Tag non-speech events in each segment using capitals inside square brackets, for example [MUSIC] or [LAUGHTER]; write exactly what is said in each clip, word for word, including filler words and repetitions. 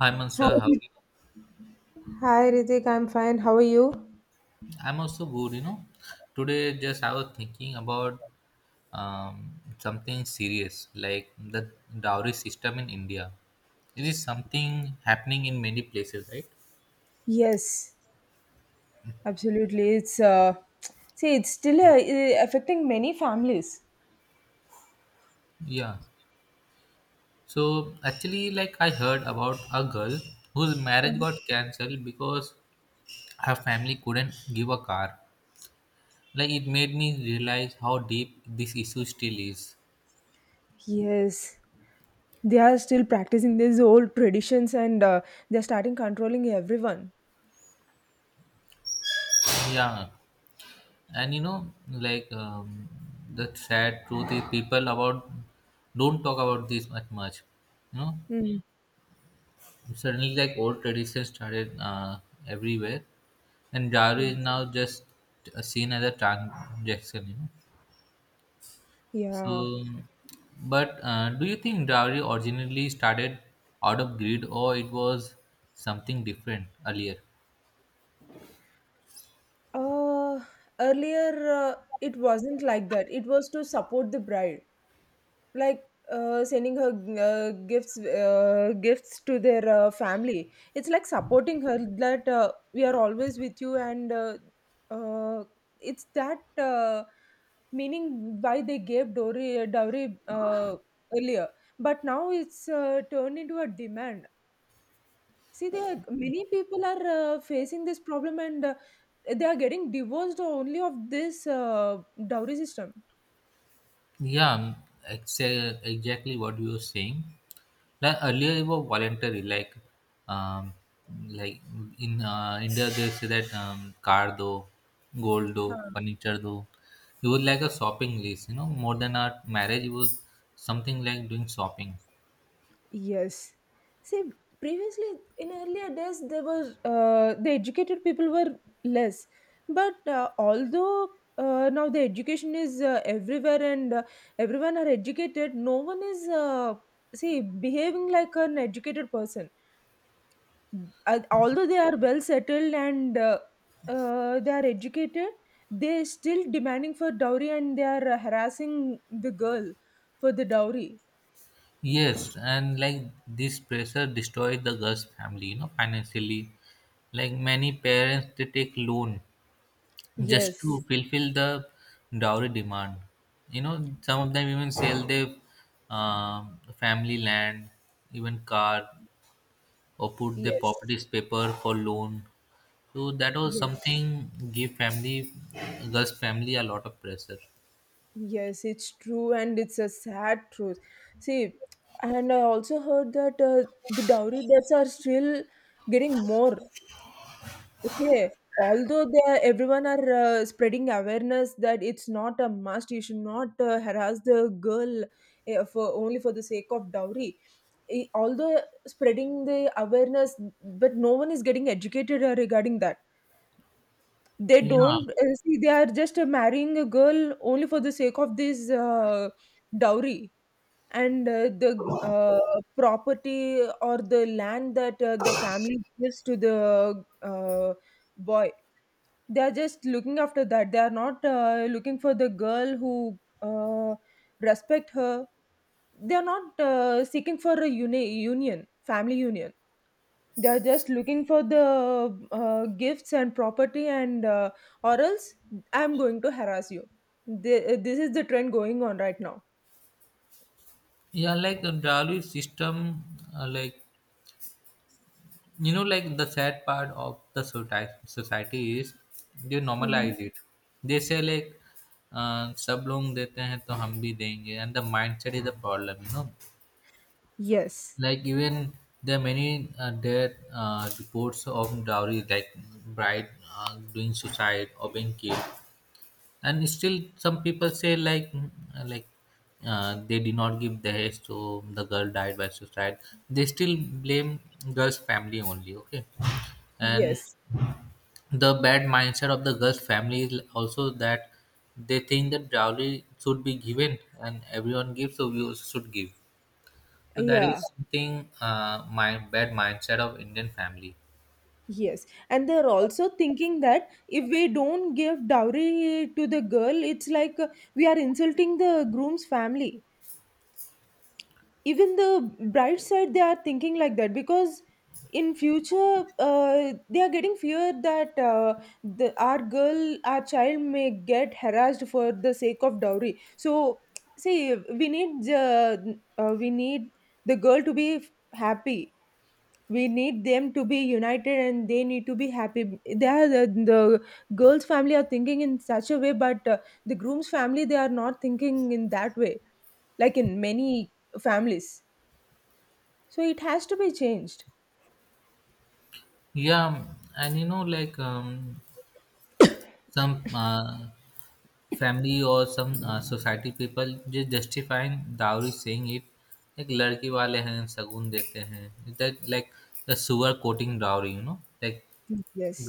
Hi Mansur, how are Hi. you? Hi Ritik, I'm fine. How are you? I'm also good, you know. Today just I was thinking about um, something serious like the dowry system in India. It is something happening in many places, right? Yes, absolutely. It's uh, see, it's still uh, uh, affecting many families. Yeah. So actually like I heard about a girl whose marriage got cancelled because her family couldn't give a car. Like it made me realize how deep this issue still is. Yes, they are still practicing these old traditions, and uh, they're starting controlling everyone. Yeah. And you know like um, the sad truth is people about don't talk about this much much you know Mm. suddenly like old traditions started uh, everywhere, and Daru is now just uh, seen as a transaction, you know so Yeah. but uh, do you think dowry originally started out of greed, or it was something different earlier? Uh, Earlier, uh, it wasn't like that. It was to support the bride. Like, uh, sending her uh, gifts uh, gifts to their uh, family. It's like supporting her that uh, we are always with you, and uh, uh, it's that uh, meaning why they gave dowry dowry uh, earlier, but now it's uh, turned into a demand. See, there are, many people are uh, facing this problem, and uh, they are getting divorced only of this uh, dowry system. Yeah, exa- exactly what you were saying. Like earlier, it was voluntary. Like, um, like in uh, India, they say that um, car do, gold do, furniture do. It was like a shopping list, you know, more than a marriage. It was something like doing shopping. Yes. See, previously, in earlier days, there were uh, the educated people were less, but uh, although, uh, now the education is uh, everywhere, and uh, everyone are educated, no one is uh, see behaving like an educated person. Uh, although they are well settled and uh, uh, they are educated, they still demanding for dowry, and they are uh, harassing the girl for the dowry. Yes, and like this pressure destroyed the girl's family, you know, financially. Like many parents, they take loan just to Yes. fulfill the dowry demand, you know. Some of them even sell their um family land, even car, or put their Yes. properties paper for loan, so that was Yes. something give family, girls family a lot of pressure. Yes, it's true, and it's a sad truth. See, and I also heard that uh, the dowry deaths are still getting more. Okay, although they are, everyone are uh, spreading awareness that it's not a must, you should not uh, harass the girl uh, for only for the sake of dowry. Eh, although spreading the awareness, but no one is getting educated uh, regarding that. They Yeah, don't uh, see they are just uh, marrying a girl only for the sake of this uh, dowry. And uh, the uh, property or the land that uh, the family gives to the uh, boy, they are just looking after that. They are not uh, looking for the girl who uh, respect her. They are not uh, seeking for a uni- union, family union. They are just looking for the uh, gifts and property, and uh, or else I'm going to harass you. Th- this is the trend going on right now. yeah, like the dowry system, uh, like, you know, like the sad part of the society, society is they Mhm. normalize it. They say like uh, सब लोग देते हैं तो हम भी देंगे, and the mindset is the problem. You know, Yes. like even there are many uh, dead uh, reports of dowry, like bride uh, doing suicide or being killed, and still some people say like mm, like uh, they did not give dahej, so the girl died by suicide. They still blame girl's family only. Okay, and Yes. the bad mindset of the girls' family is also that they think that dowry should be given and everyone gives, so we also should give. So that is Yeah. something, uh, my bad mindset of Indian family. Yes. And they're also thinking that if we don't give dowry to the girl, it's like uh, we are insulting the groom's family. Even the bride side, they are thinking like that because in future, uh, they are getting fear that uh, the, our girl, our child may get harassed for the sake of dowry. So, [TSK] see, we need uh, uh, we need the girl to be happy. We need them to be united, and they need to be happy. they are the, the girls family are thinking in such a way, but uh, the groom's family, they are not thinking in that way, like in many families. So it has to be changed. Yeah, and you know, like um, some uh, family or some uh, society people just justifying dowry, saying it like लड़की वाले हैं सगुन देते हैं, that like the sugar coating dowry, you know, like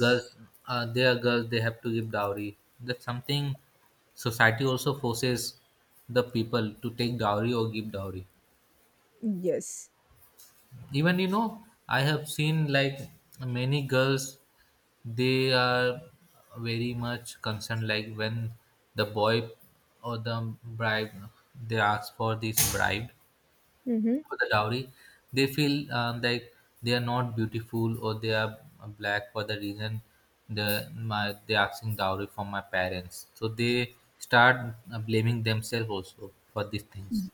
girls, uh, they are girls. They have to give dowry. That's something society also forces the people to take dowry or give dowry. Yes. Even you know, I have seen like many girls. They are very much concerned. Like when the boy or the bride, they ask for this bride, Mm-hmm. for the dowry, they feel um, like they are not beautiful, or they are black for the reason the my they asking dowry from my parents. So they start uh, blaming themselves also for these things.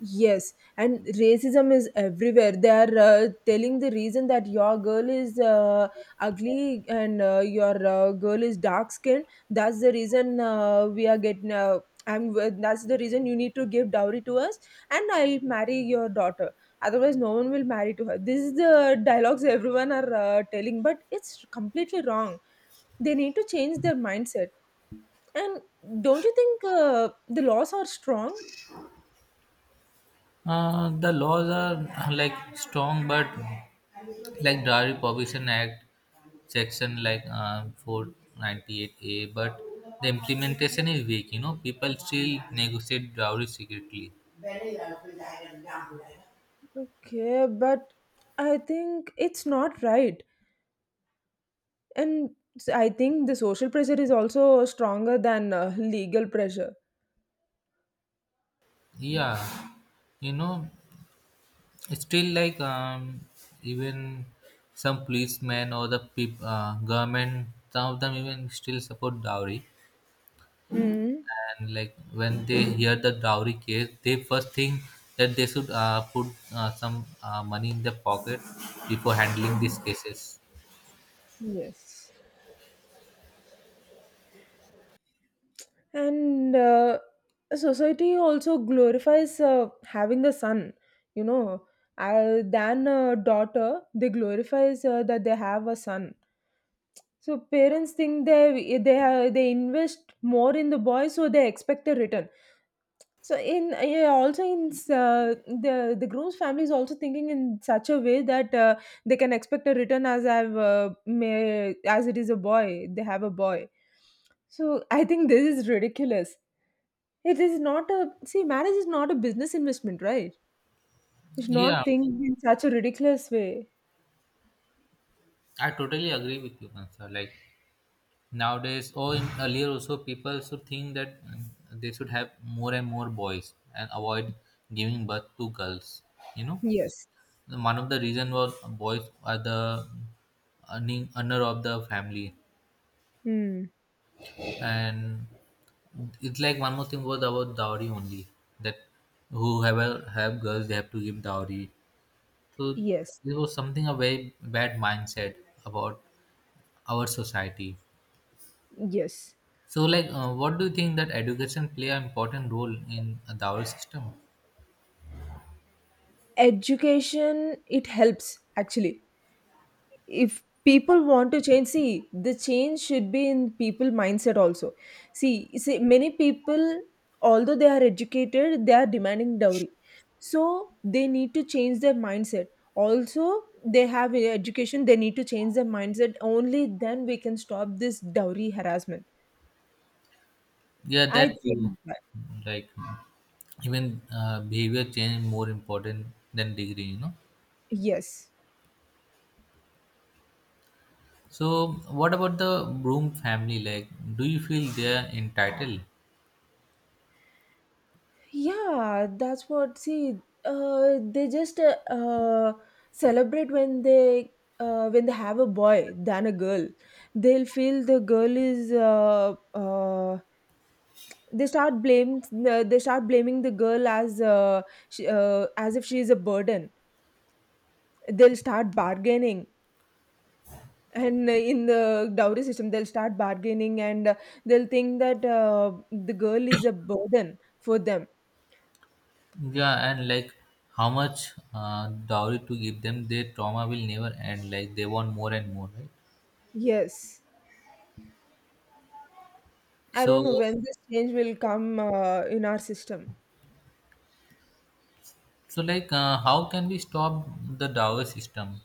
Yes, and racism is everywhere. They are uh, telling the reason that your girl is uh, ugly, and uh, your uh, girl is dark skinned. That's the reason uh, we are getting. Uh, I'm. That's the reason you need to give dowry to us, and I'll marry your daughter. Otherwise, no one will marry to her. This is the dialogues everyone are uh, telling, but it's completely wrong. They need to change their mindset. And don't you think uh, the laws are strong? Uh, the laws are [LAUGHS] like strong, but like Dowry Prohibition Act section like uh, four ninety-eight A, but the implementation is weak. You know, people still negotiate dowry secretly. Okay, but I think it's not right. And s- I think the social pressure is also stronger than uh, legal pressure. Yeah, you know, still, like um, even some policemen or the peop- uh, government, some of them even still support dowry. Hmm. And like when they hear the dowry case, they first think that they should uh, put uh, some uh, money in their pocket before handling Mhm. these cases. Yes. And uh, society also glorifies uh, having a son, you know, uh, than a daughter. They glorifies uh, that they have a son. So parents think they they they invest more in the boy, so they expect a return. So in uh, yeah, also in s- uh, the the groom's family is also thinking in such a way that uh, they can expect a return as I've uh, may, as it is a boy. They have a boy. So I think this is ridiculous. It is not a See, marriage is not a business investment, right? You should Yeah, not think in such a ridiculous way. I totally agree with you, Kansa. Like nowadays, or in earlier also, people should think that mm, they should have more and more boys and avoid giving birth to girls. You know. Yes. One of the reason was boys are the earning earner of the family, Hmm. and it's like one more thing was about dowry only, that whoever have girls they have to give dowry. So Yes. this was something a very bad mindset about our society. Yes. So like, uh, what do you think that education play an important role in a dowry system? Education, it helps actually. If people want to change, see, the change should be in people mindset also. See see, many people, although they are educated, they are demanding dowry, so they need to change their mindset. Also, they have a education. They need to change their mindset. Only then we can stop this dowry harassment. Yeah, I that too. think that. Like even uh, behavior change more important than degree, you know. Yes. So, what about the Broom family? Like, do you feel they are entitled? Yeah, that's what. See, uh, they just uh, uh, celebrate when they uh, when they have a boy than a girl. They'll feel the girl is. Uh, uh, they start blame. Uh, they start blaming the girl as uh, she, uh, as if she is a burden. They'll start bargaining. And uh, in the dowry system, they'll start bargaining, and uh, they'll think that uh, the girl is a burden for them. Yeah, and like, how much uh, dowry to give them? Their trauma will never end. Like, they want more and more, right? Yes. I don't know So, when this change will come uh, in our system. so like, uh, how can we stop the dowry system?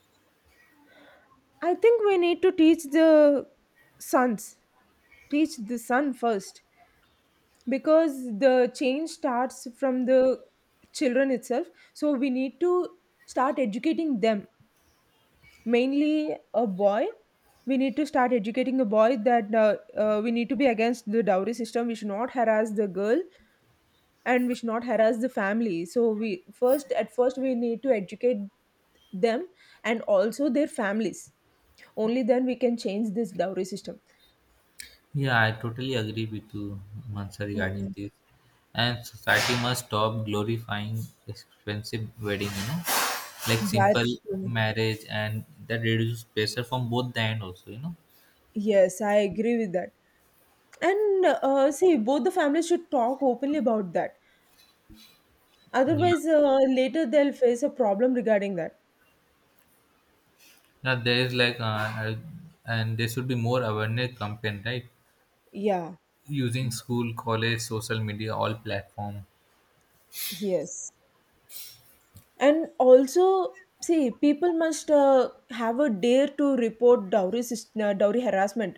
I think we need to teach the sons, teach the son first, because the change starts from the children itself. So we need to start educating them, mainly a boy. We need to start educating the boy that uh, uh, we need to be against the dowry system. We should not harass the girl, and we should not harass the family. So, we first, at first, we need to educate them, and also their families. Only then we can change this dowry system. Yeah, I totally agree with you, Mansa, regarding Mm. this. And society must stop glorifying expensive wedding. You know, like That simple marriage, and that reduces pressure from both the end also. You know. Yes, I agree with that. And uh, see, both the families should talk openly about that. Yeah. Otherwise, uh, later they'll face a problem regarding that. Now there is like, uh, uh, and there should be more awareness campaign, right? Yeah, Using school, college, social media, all platform. yes. And also, see, people must uh, have a dare to report dowry system, uh, dowry harassment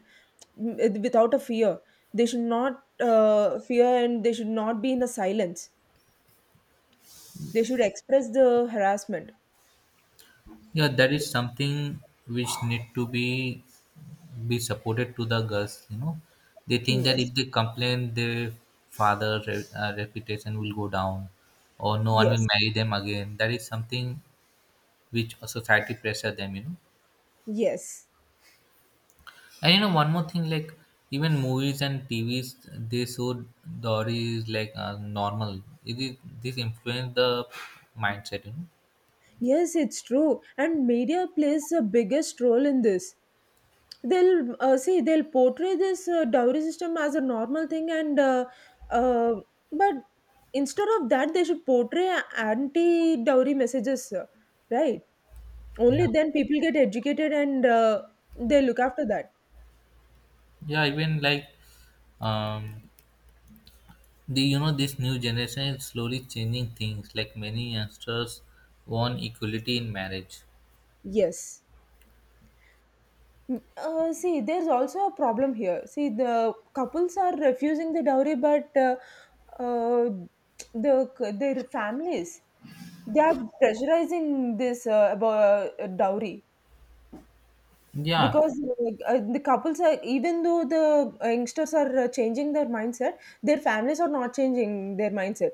m- it- without a fear. They should not uh, fear, and they should not be in a silence. They should express the harassment. Yeah, that is something which need to be be supported to the girls. You know, they think that Yes. if they complain, their father re- uh, reputation will go down, or no one will Yes, marry them again. That is something which a society pressure them. You know. yes, And you know, one more thing, like even movies and T Vs, they show Dory is like uh, normal. It is this influence the mindset, you know. yes, it's true. And media plays the biggest role in this. They'll uh, see, they'll portray this uh, dowry system as a normal thing, and uh, uh, but instead of that, they should portray anti dowry messages, uh, right? Yeah, Only then people get educated, and uh, they look after that. yeah. Even like um, the you know this new generation is slowly changing things. Like many youngsters want equality in marriage. Yes. Mm, Uh, see, there's also a problem here. See, the couples are refusing the dowry, but uh, uh, the their families, they are pressurizing this uh, about uh, dowry Yeah, because uh, uh, the couples are even though the uh, youngsters are uh, changing their mindset, their families are not changing their mindset.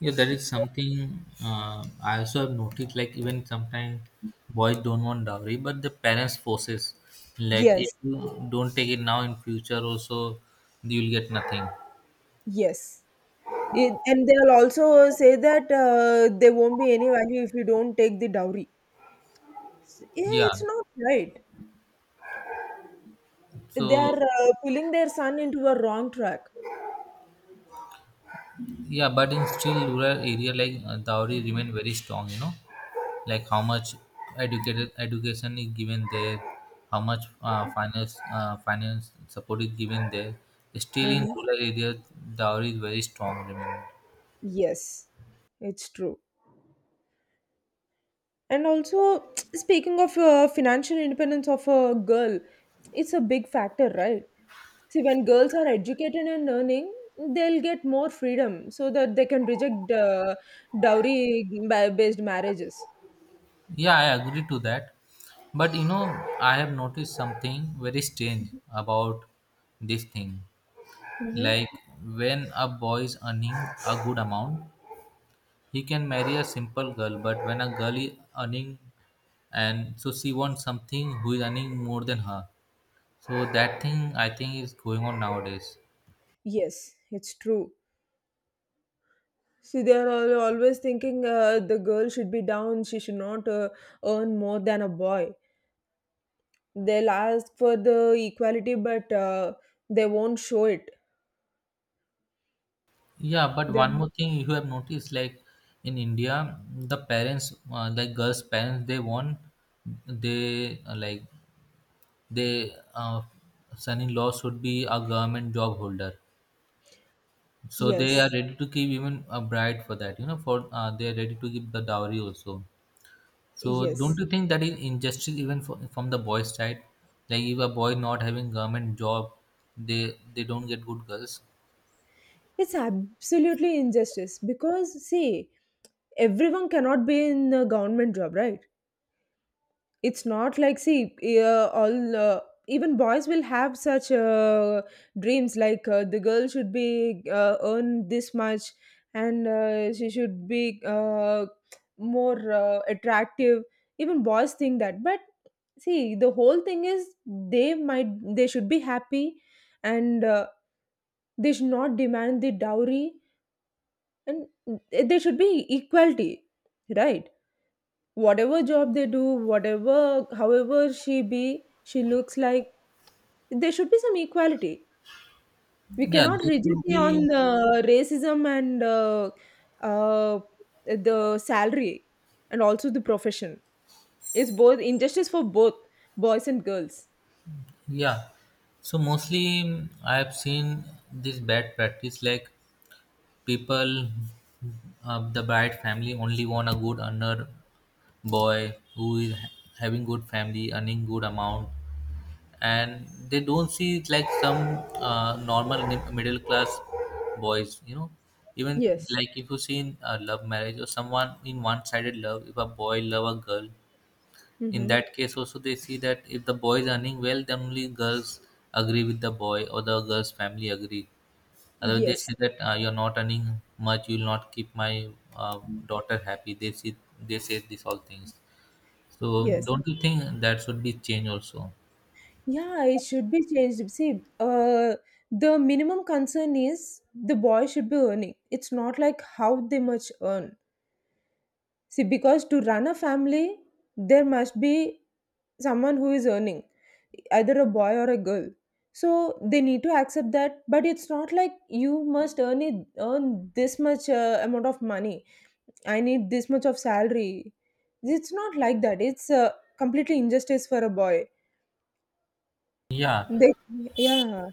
yeah, that is So, something uh, I also have noticed. Like even sometimes boys don't want dowry, but the parents forces. Like if yes, you don't take it now, in future also you'll get nothing. yes. It, and they'll also say that uh, there won't be any value if you don't take the dowry. Yeah, Yeah. it's not right. They So are uh, pulling their son into a wrong track. yeah, but in still rural area, like uh, dowry remain very strong. You know, like how much educated education is given there, how much uh, finance uh, finance support is given there. Still in Mm-hmm. rural area, dowry is very strong. Remain. Yes, it's true. And also, [TSK] speaking of uh, financial independence of a girl, it's a big factor, right? See, when girls are educated and earning, they'll get more freedom so that they can reject uh, dowry ba- based marriages. Yeah, I agree to that. But you know, I have noticed something very strange about this thing. Mm-hmm. Like when a boy is earning a good amount, he can marry a simple girl. But when a girl is earning, and so she wants something who is earning more than her. So that thing I think is going on nowadays. Yes, it's true. See, they're al- always thinking uh, the girl should be down, she should not uh, earn more than a boy. They'll ask for the equality, but uh, they won't show it. Yeah, but one They're- more thing you have noticed, like in India, the parents, uh, like girls' parents, they want they uh, like they uh, son-in-law should be a government job holder, so they are Yes, ready to give even a bride for that, you know. For uh, they are ready to give the dowry also, so don't yes. you think that is injustice even for, from the boy's side, like if a boy not having government job, they they don't get good girls. It's absolutely injustice because, see, everyone cannot be in a government job, right? It's not like see, uh, all uh, even boys will have such uh, dreams like uh, the girl should be uh, earn this much, and uh, she should be uh, more uh, attractive. Even boys think that, but see, the whole thing is they might they should be happy, and uh, they should not demand the dowry, and they should be equality, right? Whatever job they do, whatever however she be she looks like there should be some equality. We Yeah, cannot they should rigidly be. on the racism, and uh, uh, the salary and also the profession, it's both injustice for both boys and girls. Yeah, so mostly mm, I have seen this bad practice like people, uh, the bride family only want a good earner boy who is having good family earning good amount, and they don't see it like some uh, normal mi- middle class boys, you know. Even, Yes. like if you see in a love marriage or someone in one sided love, if a boy love a girl, in Mm-hmm. that case also they see that if the boy is earning well, then only girls agree with the boy, or the girl's family agree. Otherwise they Yes, say that, uh, you're not earning much, you will not keep my uh, daughter happy, they see, they say these all things. So yes. don't you think that should be changed also? Yeah, it should be changed. See, uh, the minimum concern is the boy should be earning, it's not like how they much earn. See, because to run a family, there must be someone who is earning, either a boy or a girl. So they need to accept that, but it's not like you must earn it, earn this much uh, amount of money. I need this much of salary. It's not like that. It's uh, completely injustice for a boy. Yeah, They, yeah,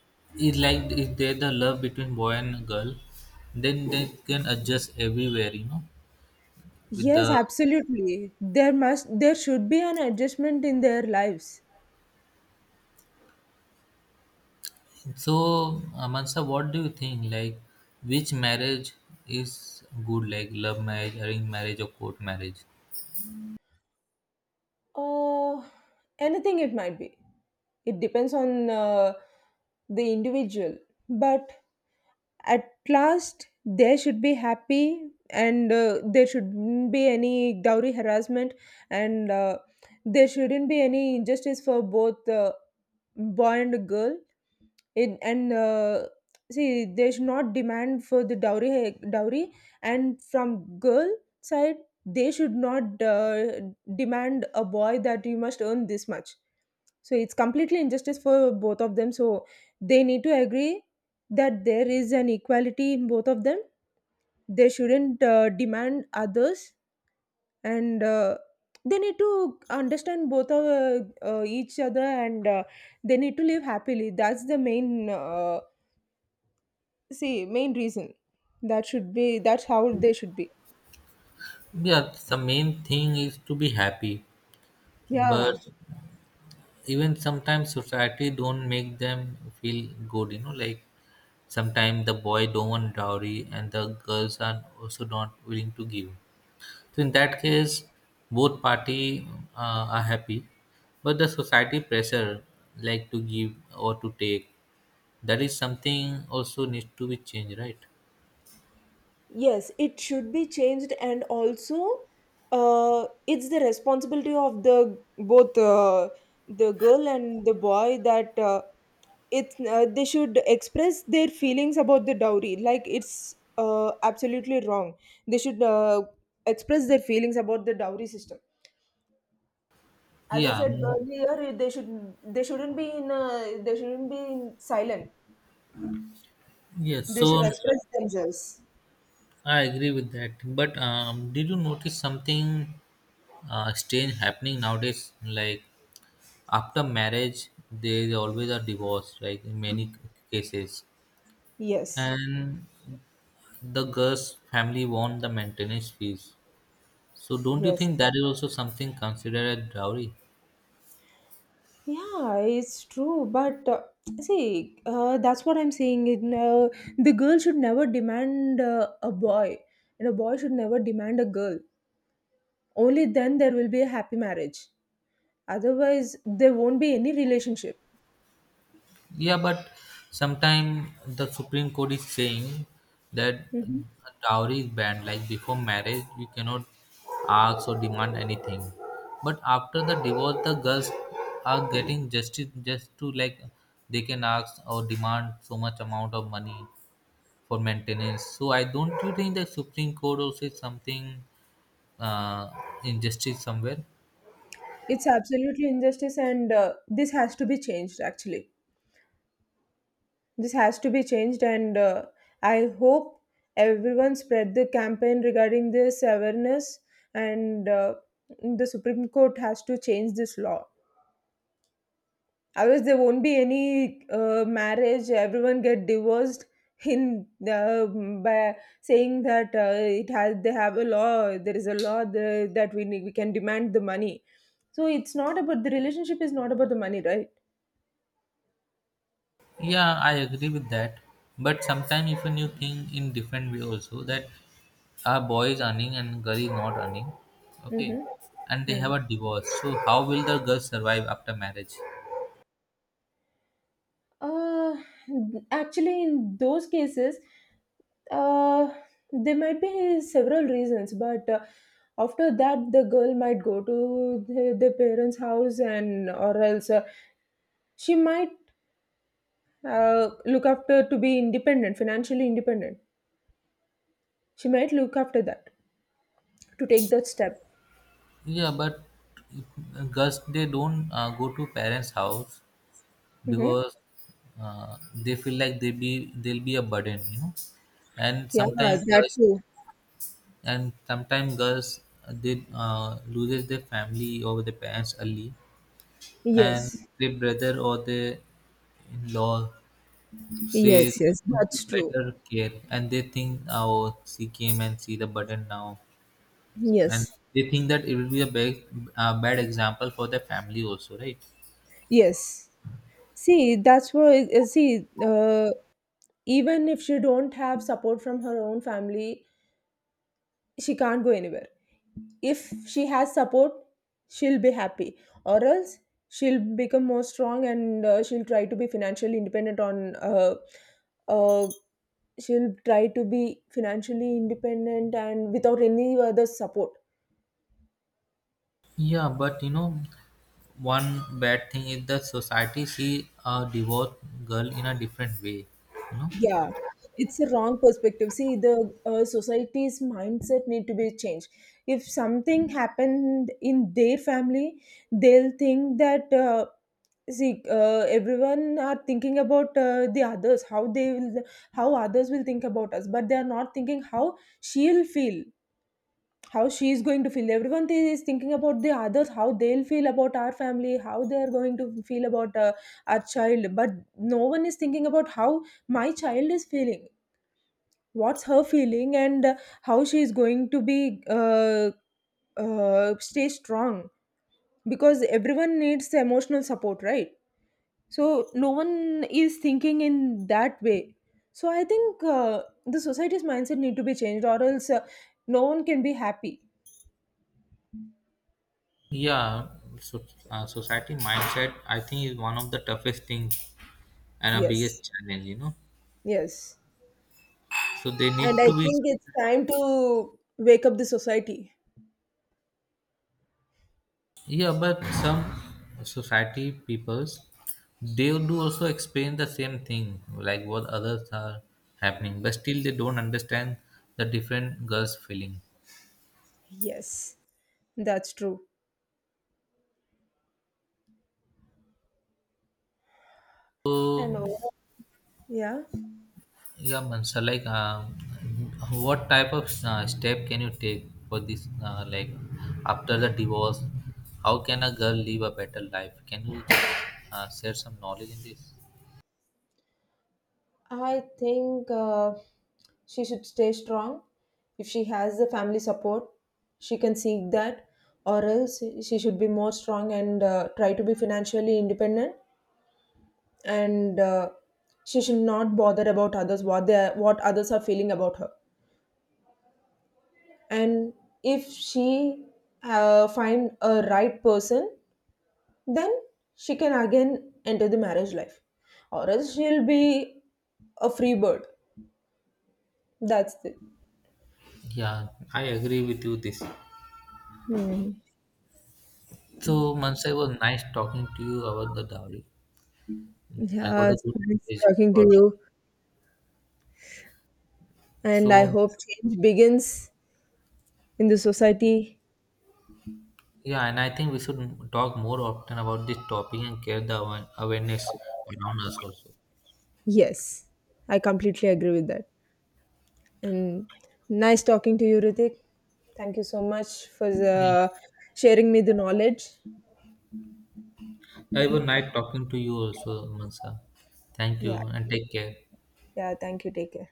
it's like if there's the love between boy and girl, then they can adjust everywhere, you know. With yes, the absolutely. There must, there should be an adjustment in their lives. so, uh, Mansa, what do you think? Like, which marriage is good? Like love marriage, arranged marriage, or court marriage? Uh, Anything it might be. It depends on uh, the individual. But at last, they should be happy and uh, there shouldn't be any dowry harassment and uh, there shouldn't be any injustice for both uh, boy and girl in and uh, see, they should not demand for the dowry eh, dowry and from girl side. They should not uh, demand a boy that you must earn this much, so it's completely injustice for both of them. So they need to agree that there is an equality in both of them. They shouldn't uh, demand others, and uh, they need to understand both of uh, uh, each other, and uh, they need to live happily. That's the main uh, See, main reason. That should be, that's how they should be. Yeah, the main thing is to be happy, but Yeah, even sometimes society don't make them feel good. You know, like sometimes the boy don't want dowry and the girls are also not willing to give. So in that case, both party uh, are happy, but the society pressure, like to give or to take, that is something also needs to be changed, right? yes, it should be changed, and also, uh, it's the responsibility of the both uh, the girl and the boy that uh, it's uh, they should express their feelings about the dowry. Like, it's uh, absolutely wrong. They should uh, express their feelings about the dowry system. As I Yeah, said mm, earlier, they should they shouldn't be in uh, they shouldn't be in silent. yes. They should So express themselves. I agree with that. But um, did you notice something uh, strange happening nowadays? Like after marriage, there is always a divorce. Like in many cases, Yes, and the girl's family won the maintenance fees. So don't you think yes. that is also something considered a dowry? Yeah, it's true. But uh, see, uh, that's what I'm saying. It, uh, the girl should never demand uh, a boy, and a boy should never demand a girl. Only then there will be a happy marriage. Otherwise, there won't be any relationship. Yeah, but sometime the Supreme Court is saying that Mhm. dowry is banned. Like before marriage, you cannot ask or demand anything. But after the divorce, the girls are getting justice, just to like they can ask or demand so much amount of money for maintenance. So I don't, you think the Supreme Court also is something, uh, injustice somewhere. It's absolutely injustice, and uh, this has to be changed, actually. This has to be changed, and uh, I hope everyone spread the campaign regarding this awareness. And uh, the Supreme Court has to change this law. Otherwise, there won't be any uh, marriage. Everyone get divorced [LAUGHS] in the, by saying that uh, it has they have a law. There is a law the, that we need, we can demand the money. So it's not about the relationship, is not about the money, right? Yeah, I agree with that. But sometimes even you think in different way also, that a boy is earning and girl is not earning, okay, Mm-hmm. and they have Hmm. a divorce. So how will the girl survive after marriage? Uh, Actually, in those cases, uh, there might be several reasons, but uh, after that, the girl might go to the, the parents' house, and or else uh, she might uh, look after to be independent, financially independent. She might look after that, to take that step. Yeah, but girls they don't uh, go to parents' house Mm-hmm. because uh, they feel like they be they'll be a burden, you know. And Yeah, sometimes that girls too. and sometimes girls uh, they uh, loses their family or their parents early, and Yes, their brother or their in-law say yes, they yes, could give that's true. better care, and they think oh she came and see the burden now, and Yes, they think that it will be a bad, uh, bad example for their family also, right? yes. See, that's why. uh, See, uh, even if she don't have support from her own family, she can't go anywhere. If she has support, she'll be happy, or else she'll become more strong, and uh, she'll try to be financially independent on uh, uh, she'll try to be financially independent and without any other support. Yeah, but you know, one bad thing is that society see a divorced girl in a different way, you know. Yeah, it's a wrong perspective. See, the uh, society's mindset need to be changed. If something happened in their family, they'll think that uh, see uh, everyone are thinking about uh, the others, how they will, how others will think about us, but they are not thinking how she'll feel, how she is going to feel. Everyone thi- is thinking about the others, how they'll feel about our family, how they're going to feel about uh, our child, but no one is thinking about how my child is feeling, what's her feeling, and uh, how she is going to be uh, uh, stay strong, because everyone needs emotional support, right? So no one is thinking in that way. So I think uh, the society's mindset need to be changed, or else uh, no one can be happy. Yeah, so, uh, society mindset I think is one of the toughest things and a Yes. biggest challenge. You know, Yes. so they need And I to be. think it's time to wake up the society. Yeah, but some society peoples they do also explain the same thing, like what others are happening, but still they don't understand the different girls' feeling. Yes, that's true. And So overall, yeah. yeah, Mansa. Like, um, what type of uh, step can you take for this? Uh, like, after the divorce, how can a girl live a better life? Can you uh, share some knowledge in this? I think uh, she should stay strong. If she has the family support, she can seek that, or else she should be more strong, and uh, try to be financially independent. And uh, she should not bother about others what they are, what others are feeling about her. And if she uh, find a right person, then she can again enter the marriage life, or else she'll be a free bird. That's the— Yeah, I agree with you. This. So, Mansa, it was nice talking to you about the dowry. I got yeah, a it's good nice knowledge talking to about it. you, and I So, hope change begins in the society. yeah, and I think we should talk more often about this topic and create the awa- awareness around us also. Yes, I completely agree with that. And nice talking to you, Ritik. Thank you so much for Yeah. the, sharing me the knowledge. I it was nice talking to you also, Mansa. Thank Yeah, you and take care. yeah, thank you. Take care.